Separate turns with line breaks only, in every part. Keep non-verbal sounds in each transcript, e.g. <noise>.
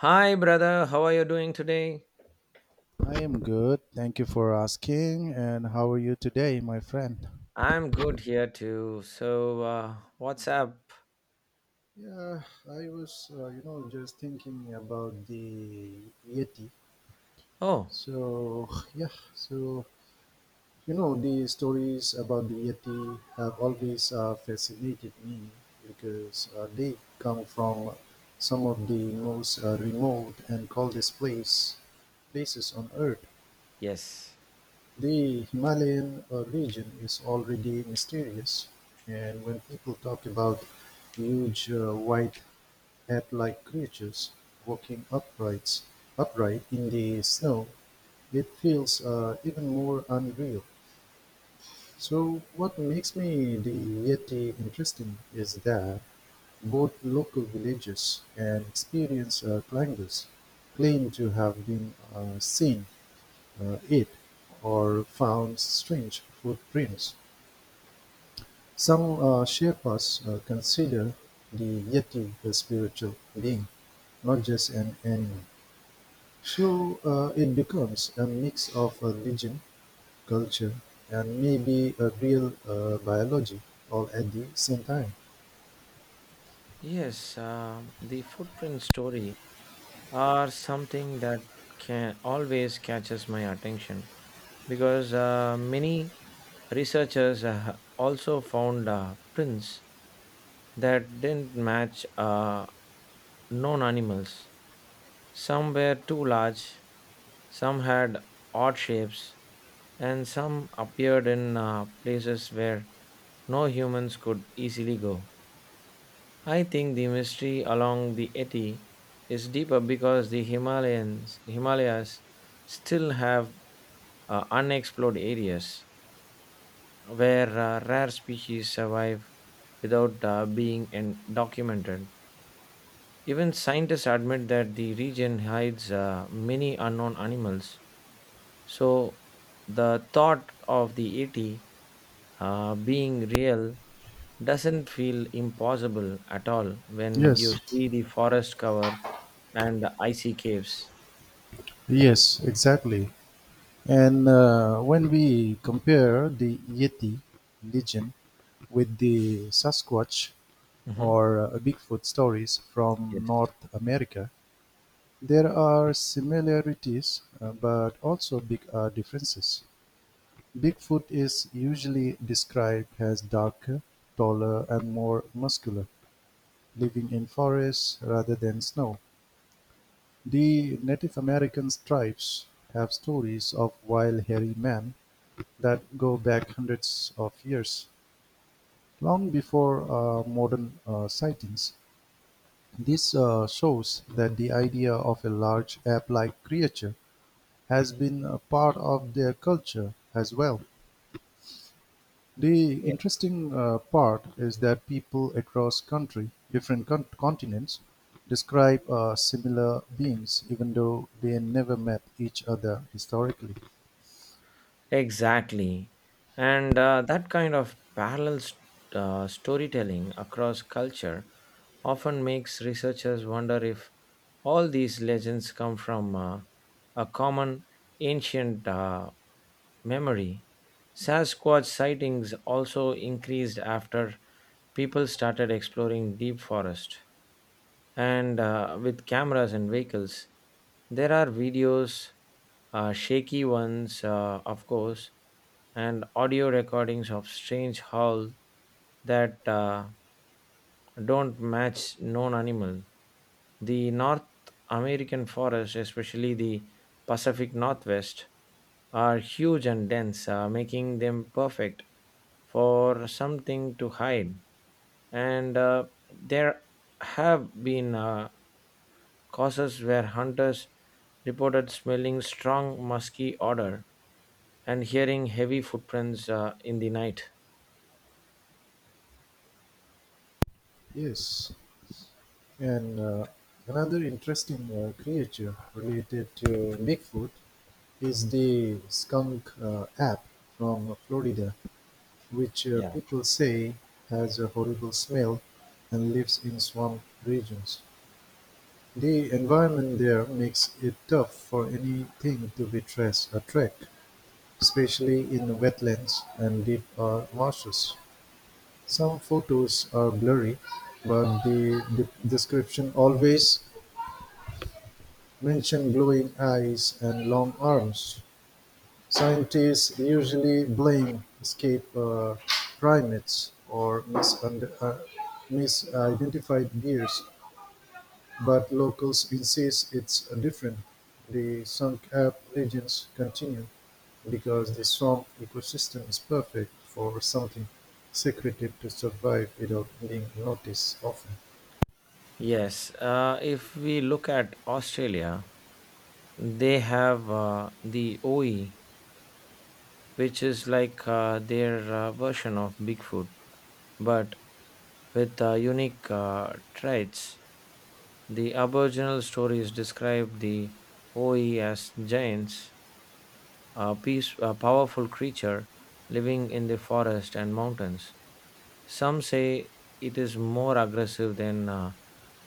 Hi, brother. How are you doing today?
I am good. Thank you for asking. And how are you today, my friend?
I'm good here too. So, what's up?
Yeah, I was, just thinking about the Yeti.
Oh,
So, yeah, so, the stories about the Yeti have always fascinated me because they come from some of the most remote and coldest places on Earth.
yes.
The Himalayan region is already mysterious, and when people talk about huge white head-like creatures walking upright in the snow, it feels even more unreal. So, what makes me the Yeti interesting is that both local villagers and experienced climbers claim to have been seen it or found strange footprints. Some Sherpas consider the Yeti a spiritual being, not just an animal. So it becomes a mix of a religion, culture, and maybe a real biology all at the same time.
Yes, the footprint story are something that can always catches my attention because many researchers also found prints that didn't match known animals. Some were too large, some had odd shapes, and some appeared in places where no humans could easily go. I think the mystery along the Eti is deeper because the Himalayas still have unexplored areas where rare species survive without documented. Even scientists admit that the region hides many unknown animals. So, the thought of the ET being real doesn't feel impossible at all when
Yes,
you see the forest cover and the icy caves.
yes, exactly. And when we compare the Yeti legend with the Sasquatch
Mhm.
or Bigfoot stories from
Yes.
North America, there are similarities, but also big differences. Bigfoot is usually described as darker, taller, and more muscular, living in forests rather than snow. The Native American tribes have stories of wild, hairy men that go back hundreds of years, long before modern sightings. This shows that the idea of a large ape like creature has been a part of their culture as well. The
Yeah.
interesting part is that people across country, different continents, describe similar beings, even though they never met each other historically.
Exactly. And that kind of storytelling across culture often makes researchers wonder if all these legends come from a common ancient memory. Sasquatch sightings also increased after people started exploring deep forest and with cameras and vehicles. There are videos, shaky ones, of course, and audio recordings of strange howl that don't match known animal. The North American forests, especially the Pacific Northwest, are huge and dense, making them perfect for something to hide. And there have been cases where hunters reported smelling strong musky odor and hearing heavy footprints in the night.
Yes, and another interesting creature related to Bigfoot is the skunk app from Florida, which people say has a horrible smell and lives in swamp regions. The environment there makes it tough for anything to be traced or tracked, especially in wetlands and deep marshes. Some photos are blurry, but the description always mention glowing eyes and long arms. Scientists usually blame escaped primates or misidentified deers, but locals insist it's different. The Songkhap legends continue because the swamp ecosystem is perfect for something secretive to survive without being noticed often.
Yes, if we look at Australia, they have the OE, which is like their version of Bigfoot, but with unique traits. The Aboriginal stories describe the OE as giants, a powerful creature living in the forest and mountains. Some say it is more aggressive than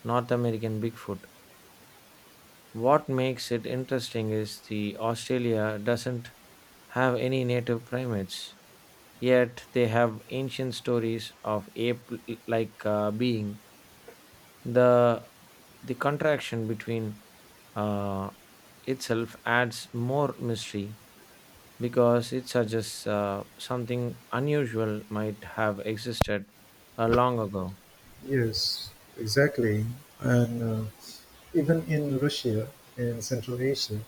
North American Bigfoot. What makes it interesting is the Australia doesn't have any native primates, yet they have ancient stories of ape like being. The the contraction between uh, itself adds more mystery because it suggests something unusual might have existed long ago.
Yes, exactly. And even in Russia and Central Asia,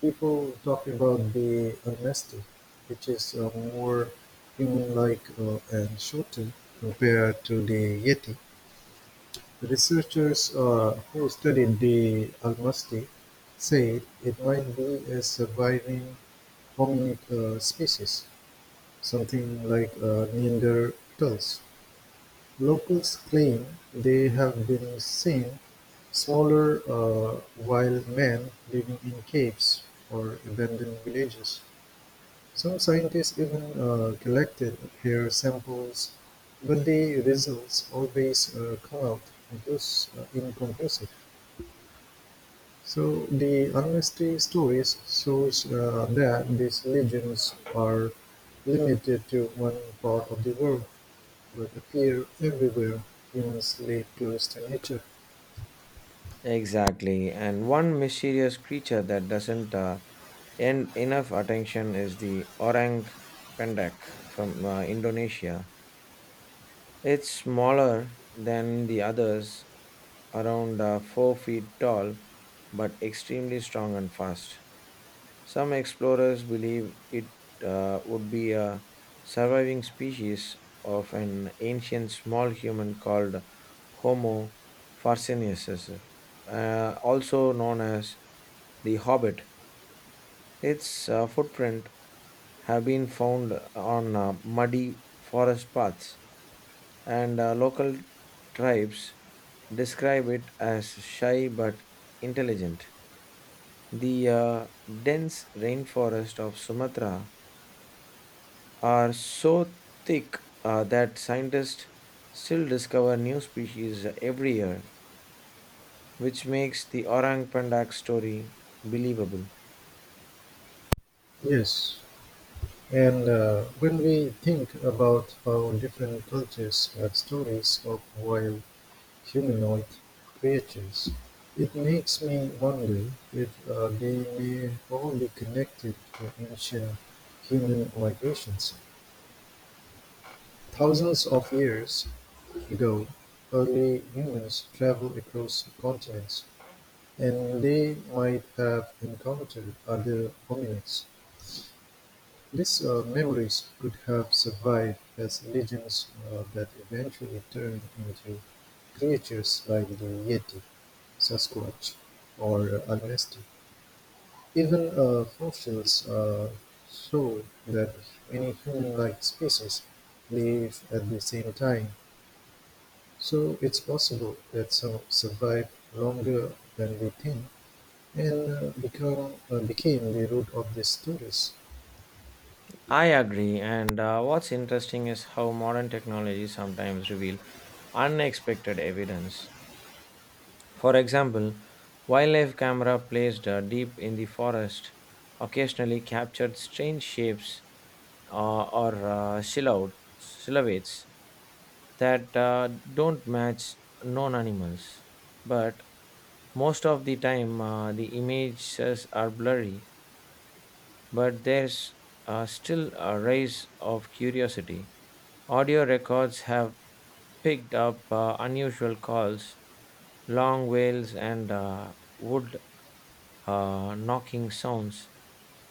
people talking about the honesty, which is more human-like and shorter compared to the Yeti. Researchers who studied the honesty said it might be a surviving hominid species, something like Neanderthals. Locals claim they have been seen smaller wild men living in caves or abandoned villages. Some scientists even collected hair samples, but the results always come out inconclusive. So the honesty stories shows that these legends are limited to one part of the world, but appear everywhere. Humans live close to nature.
Exactly. And one mysterious creature that doesn't end enough attention is the orang pendek from Indonesia. It's smaller than the others, around 4 feet tall, but extremely strong and fast. Some explorers believe it would be a surviving species of an ancient small human called Homo farcinensis, also known as the Hobbit. Its footprint have been found on muddy forest paths and local tribes describe it as shy but intelligent. The dense rainforest of Sumatra are so thick that scientists still discover new species every year, which makes the orang pandak story believable.
Yes, and when we think about how different cultures have stories of wild humanoid creatures, it makes me wonder if they may only connected to ancient human migrations. Thousands of years ago, early humans traveled across continents, and they might have encountered other hominids. These memories could have survived as legends that eventually turned into creatures like the Yeti, Sasquatch, or Agasti. Even fossils show that many human-like species live at the same time, so it's possible that some survived longer than we think and became the root of these stories.
I agree, and what's interesting is how modern technology sometimes reveal unexpected evidence. For example, wildlife camera placed deep in the forest occasionally captured strange shapes or silhouettes that don't match known animals. But most of the time, the images are blurry, but there's still a race of curiosity. Audio records have picked up unusual calls, long wails, and wood knocking sounds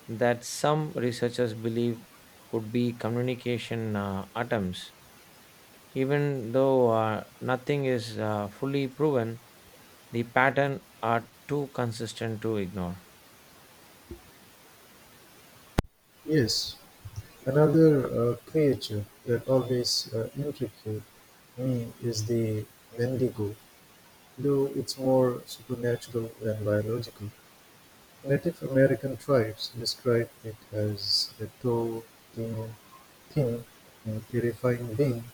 that some researchers believe could be communication attempts. Even though nothing is fully proven, the pattern are too consistent to ignore.
Yes, another creature that always intrigued me is the Wendigo, though it's more supernatural than biological. Native American tribes describe it as a tall, thin, thin and terrifying being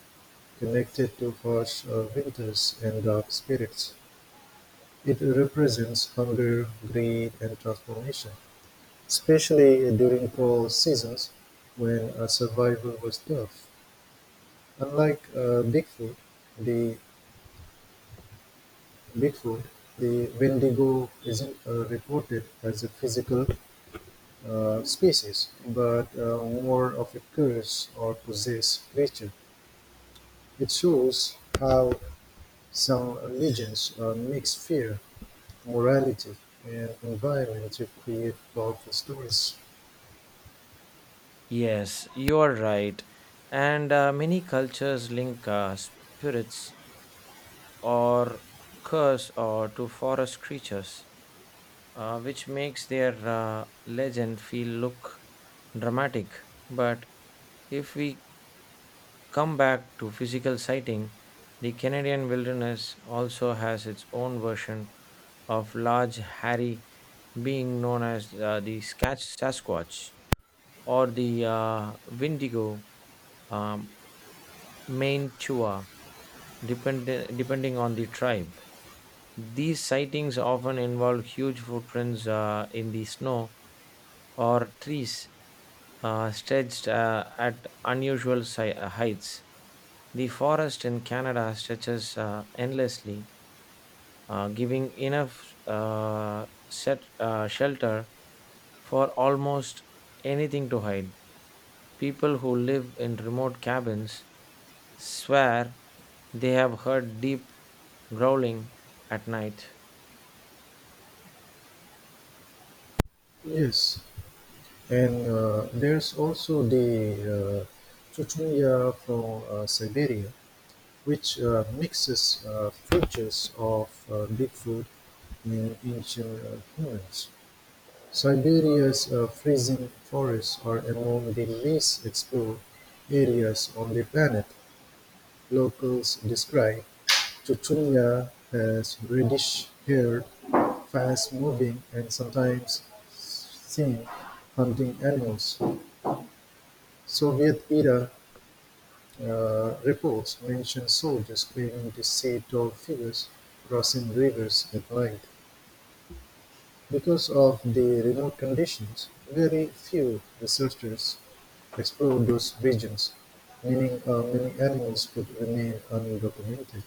connected to harsh winters and dark spirits. It represents hunger, greed, and transformation, especially during cold seasons when survival was tough. Unlike the Bigfoot, the Wendigo isn't reported as a physical species, but more of a curse or possessed creature. It shows how some religions mix fear, morality, and environment to create powerful stories.
Yes, you are right. And many cultures link spirits or curse or to forest creatures, which makes their legend feel look dramatic. But if we come back to physical sighting, the Canadian wilderness also has its own version of large hairy being known as the Sasquatch or the Windigo um, main Chua, depend, depending on the tribe. These sightings often involve huge footprints in the snow or trees stretched at unusual heights. The forest in Canada stretches endlessly, giving enough shelter for almost anything to hide. People who live in remote cabins swear they have heard deep growling at night.
Yes, and there's also the uh, Chuchunya from Siberia, which mixes features of Bigfoot and ancient humans. Siberia's freezing forests are among the least explored areas on the planet. Locals describe "Tutunya" as reddish-haired, fast-moving, and sometimes seen hunting animals. Soviet-era reports mention soldiers claiming to see tall figures crossing rivers at night. Because of the remote conditions, very few researchers explored those regions, meaning many animals would remain undocumented.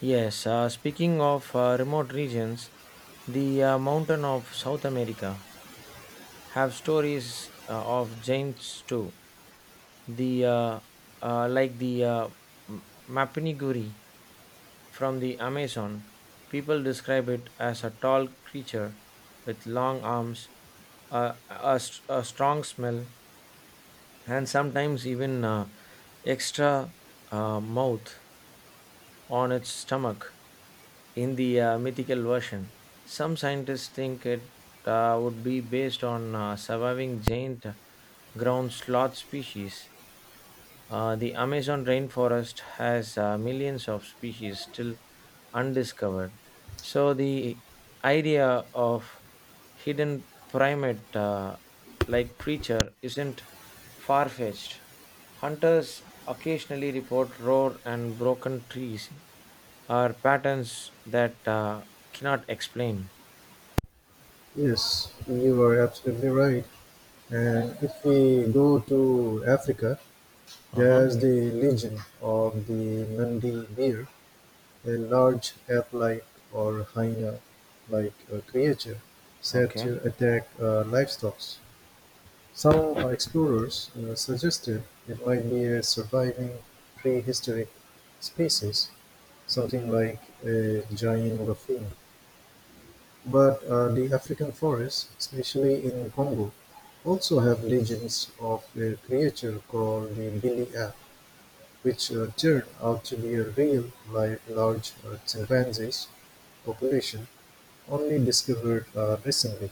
Yes, speaking of remote regions, the mountain of South America have stories of giants too. The like the M- Mapiniguri from the Amazon, people describe it as a tall creature with long arms, a strong smell, and sometimes even extra mouth on its stomach in the mythical version. Some scientists think it would be based on surviving giant ground sloth species. The Amazon rainforest has millions of species still undiscovered. So, the idea of hidden primate like creature isn't far fetched. Hunters occasionally report roar and broken trees are patterns that cannot explain.
Yes, you are absolutely right. And if we go to Africa,
Uh huh.
there's the legend of the Nandi bear, a large ape-like or hyena-like creature said
Okay.
to attack livestock. Some explorers suggested it might be a surviving prehistoric species, something like a giant raccoon. But the African forests, especially in Congo, also have legends of a creature called the Billy Ape, which turned out to be a real live large chimpanzee's population, only discovered recently.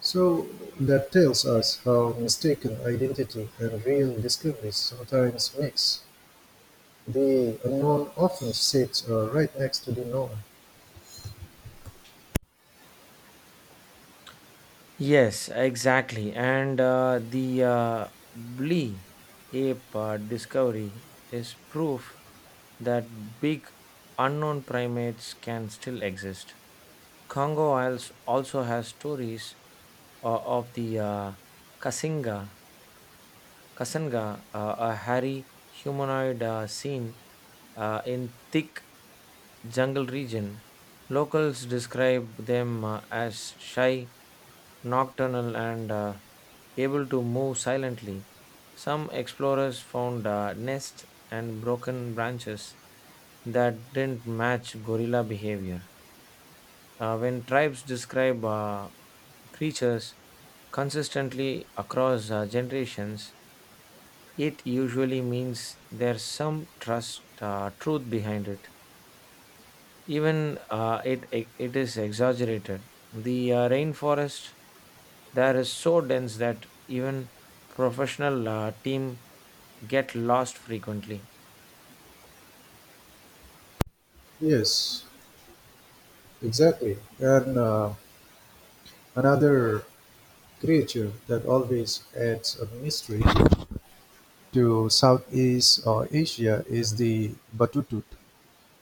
So that tells us how mistaken identity and real discoveries sometimes mix. The unknown often sits right next to the known.
Yes, exactly. And the Blee ape discovery is proof that big unknown primates can still exist. Congo Isles also has stories of the Kasinga, Kasanga, a hairy humanoid seen in thick jungle region. Locals describe them as shy, nocturnal, and able to move silently. Some explorers found nests and broken branches that didn't match gorilla behavior. When tribes describe creatures consistently across generations, it usually means there's some truth behind it, even it is exaggerated. The rainforest there is so dense that even professional team get lost frequently.
Yes, exactly. And another creature that always adds a mystery to Southeast Asia is the Batutut,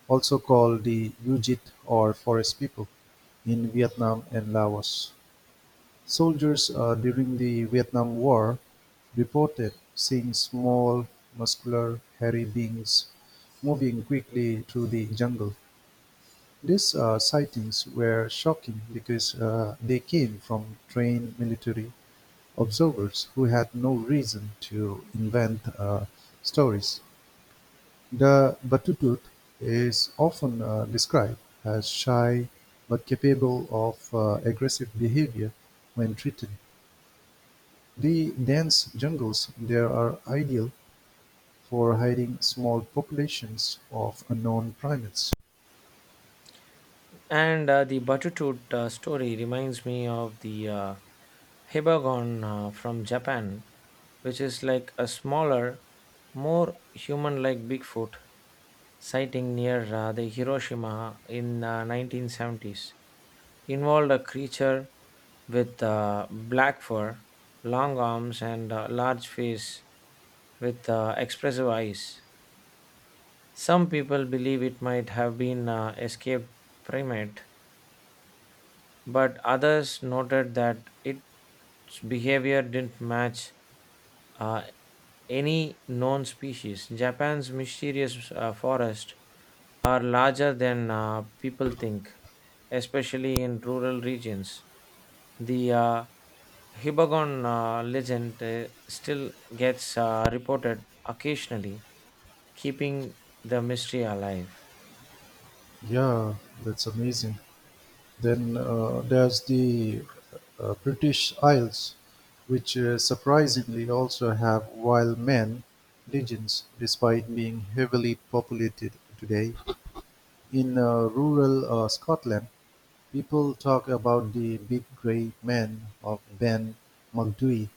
also called the Yujit or forest people in Vietnam and Laos. Soldiers during the Vietnam War reported seeing small, muscular, hairy beings moving quickly through the jungle. These sightings were shocking because they came from trained military observers who had no reason to invent stories. The Batutut is often described as shy but capable of aggressive behavior when treated. The dense jungles there are ideal for hiding small populations of unknown primates.
And the Batutut story reminds me of the Hibagon from Japan, which is like a smaller, more human like Bigfoot sighting near the Hiroshima in 1970s. Involved a creature with black fur, long arms, and a large face with expressive eyes. Some people believe it might have been an escaped primate, but others noted that its behavior didn't match uh, any known species. Japan's mysterious forests are larger than people think, especially in rural regions. The Hibagon legend still gets reported occasionally, keeping the mystery alive.
Yeah, that's amazing. Then there's the British Isles, which surprisingly also have wild men legends despite being heavily populated today. In rural Scotland, people talk about the big grey man of Ben Macdui,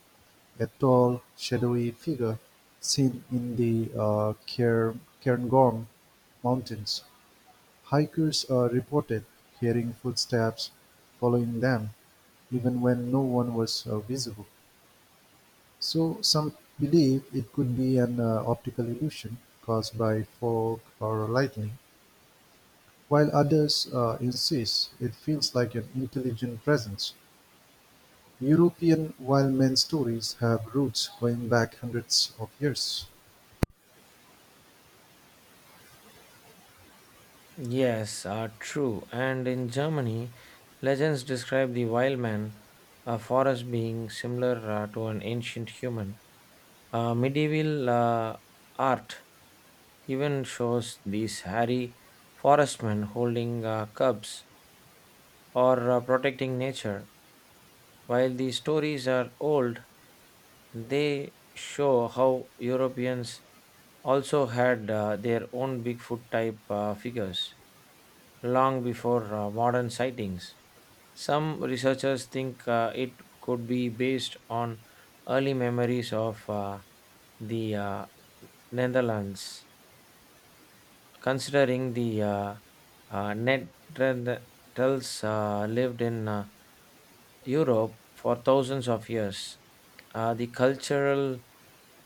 a tall, shadowy figure seen in the Cairngorm Mountains. Hikers are reported hearing footsteps following them, even when no one was visible. So some believe it could be an optical illusion caused by fog or lightning, while others insist it feels like an intelligent presence. European wild man stories have roots going back hundreds of years.
Yes, true. And in Germany, legends describe the wild man, a forest being similar to an ancient human. Medieval art even shows these hairy forestmen holding cubs or protecting nature. While these stories are old, they show how Europeans also had their own Bigfoot type figures long before modern sightings. Some researchers think it could be based on early memories of the Netherlands. Considering the Neanderthals lived in Europe for thousands of years, the cultural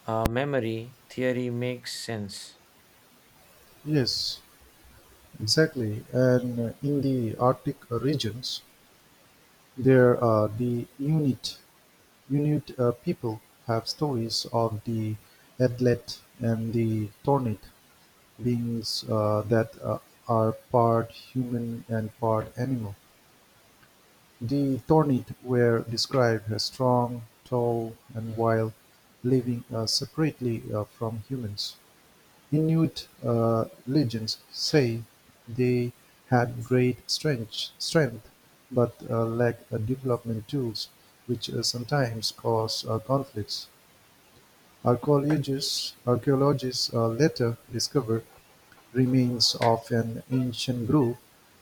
memory theory makes sense.
Yes, exactly. And in the Arctic regions, there are the Inuit. Inuit people have stories of the atlet and the tornit, beings that are part human and part animal. The tornit were described as strong, tall, and wild, living separately from humans. Inuit legends say they had great strength, but lacked development tools, which sometimes caused conflicts. Archaeologists later discovered remains of an ancient group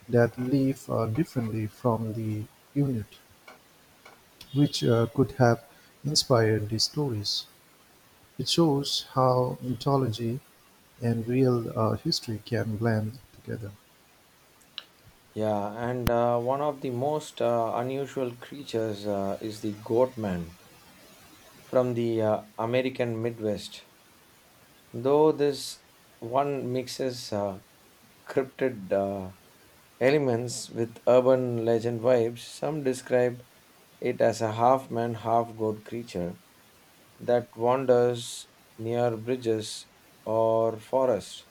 that lived differently from the Inuit, which could have inspired these stories. It shows how mythology and real history can blend together.
Yeah, and one of the most unusual creatures is the goat man from the American Midwest, though this one mixes cryptid elements with urban legend vibes. Some describe it as a half man, half goat creature that wanders near bridges or forests,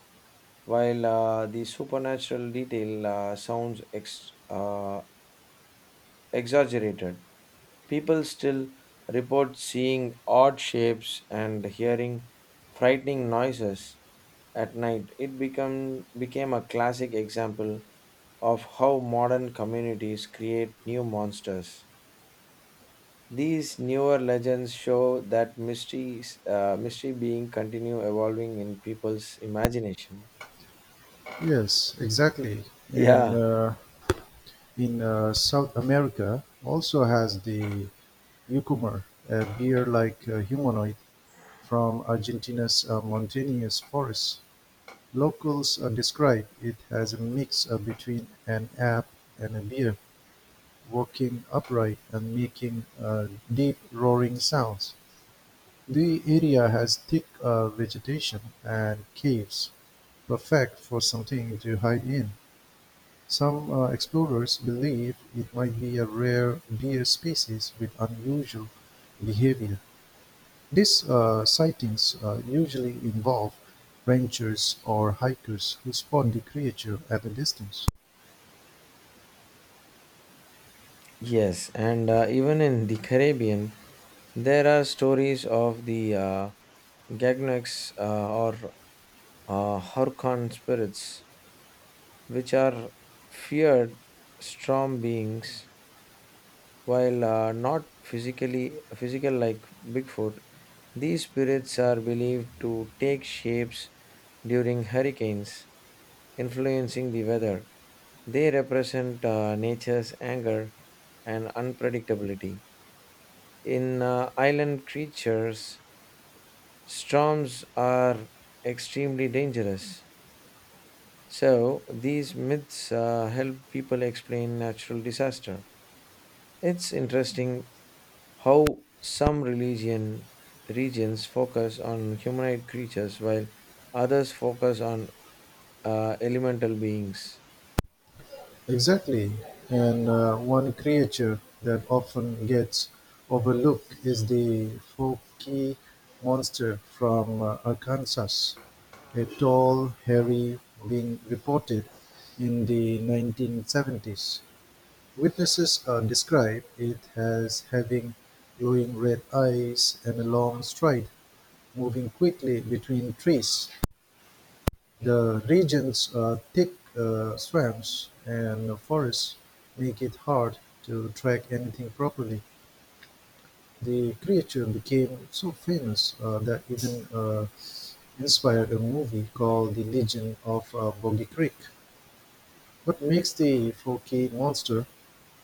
while the supernatural detail sounds exaggerated. People still report seeing odd shapes and hearing frightening noises at night. Became a classic example of how modern communities create new monsters. These newer legends show that mystery being continue evolving in people's imagination.
Yes, exactly. And
Yeah.
in South America, also has the Yucumar, a bear-like humanoid from Argentina's mountainous forests. Locals describe it as a mix between an ape and a bear, walking upright and making deep roaring sounds. The area has thick vegetation and caves, perfect for something to hide in. Some explorers believe it might be a rare deer species with unusual behavior. These sightings usually involve ranchers or hikers who spot the creature at a distance.
Yes, and even in the Caribbean, there are stories of the Gagnax or Horcon spirits, which are feared storm beings. While not physical like Bigfoot, these spirits are believed to take shapes during hurricanes, influencing the weather. They represent nature's anger and unpredictability. In island creatures, storms are extremely dangerous. So these myths help people explain natural disaster. It's interesting how some religion regions focus on humanoid creatures while others focus on elemental beings.
Exactly, and one creature that often gets overlooked is the Forky monster from Arkansas, a tall, hairy being reported in the 1970s. Witnesses describe it as having glowing red eyes and a long stride, moving quickly between trees. The region's thick swamps and forests make it hard to track anything properly. The creature became so famous that even inspired a movie called The Legend of Boggy Creek. What makes the Forky monster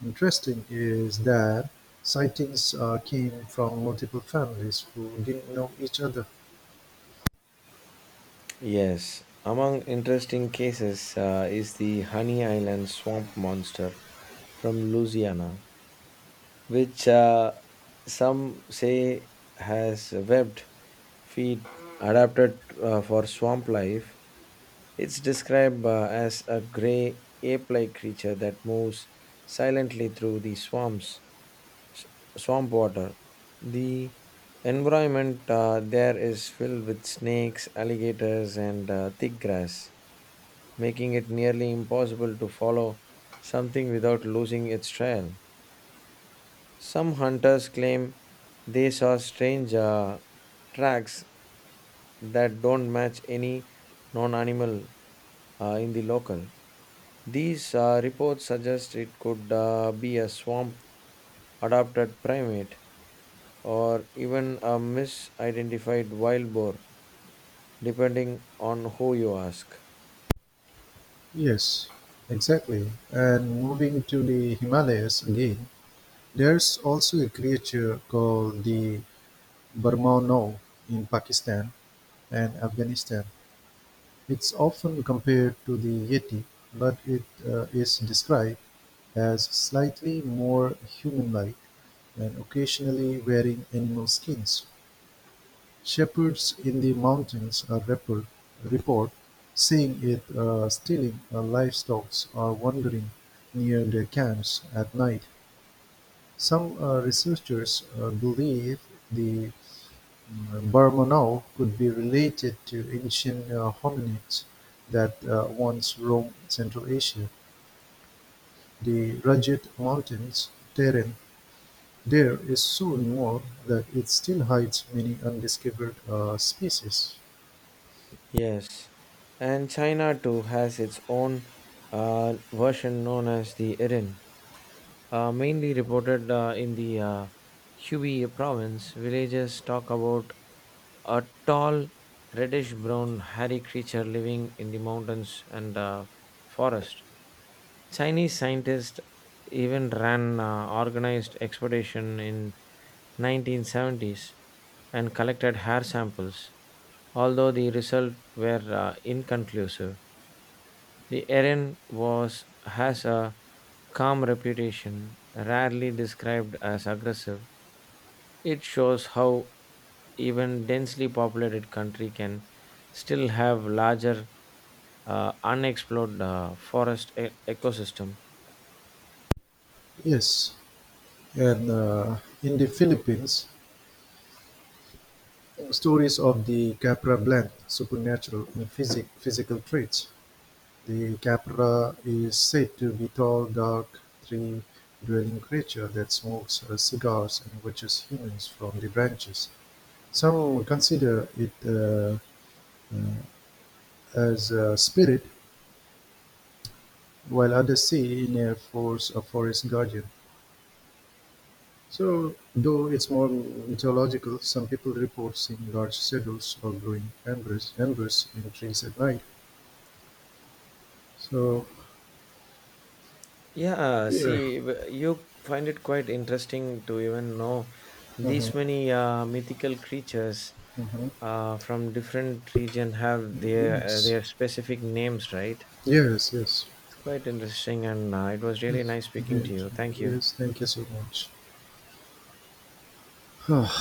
interesting is that sightings came from multiple families who didn't know each other.
Yes, among interesting cases is the Honey Island swamp monster from Louisiana, which some say has webbed feet adapted for swamp life. It's described as a gray ape like creature that moves silently through the s- swamp water. The environment there is filled with snakes, alligators, and thick grass, making it nearly impossible to follow something without losing its trail. Some hunters claim they saw strange tracks that don't match any non animal in the local. These reports suggest it could be a swamp adapted primate or even a misidentified wild boar, depending on who you ask.
Yes, exactly. And moving to the Himalayas again, there's also a creature called the Burmauno in Pakistan and Afghanistan. It's often compared to the Yeti, but it is described as slightly more human-like and occasionally wearing animal skins. Shepherds in the mountains are report seeing it stealing livestock or wandering near their camps at night. Some researchers believe the Bermonov could be related to ancient hominids that once roamed Central Asia: the rugged Mountains terrain there is so involved that it still hides many undiscovered species.
Yes, and China too has its own version known as the Erin, mainly reported in the Hubei province. Villagers talk about a tall, reddish brown, hairy creature living in the mountains and forest. Chinese scientists even ran organized expedition in 1970s and collected hair samples, although the results were inconclusive. The Erin was has a calm reputation, rarely described as aggressive. It shows how even densely populated country can still have larger unexplored ecosystem.
Yes, and in the Philippines, stories of the Capra blend supernatural and physical traits. The capra is said to be a tall, dark, tree-dwelling creature that smokes cigars and watches humans from the branches. Some consider it uh, as a spirit, while others see in it a forest guardian. So, though it's more mythological, some people report seeing large shadows or glowing embers in trees at night. So,
Yeah,
yeah.
see, you find it quite interesting to even know these
Uh-huh,
many mythical creatures
uh-huh.
from different region have
Yes.
their specific names, right?
Yes, yes.
It's quite interesting, and it was really
Yes,
nice speaking to
great.
you. Thank you.
Yes, thank you so much. <sighs>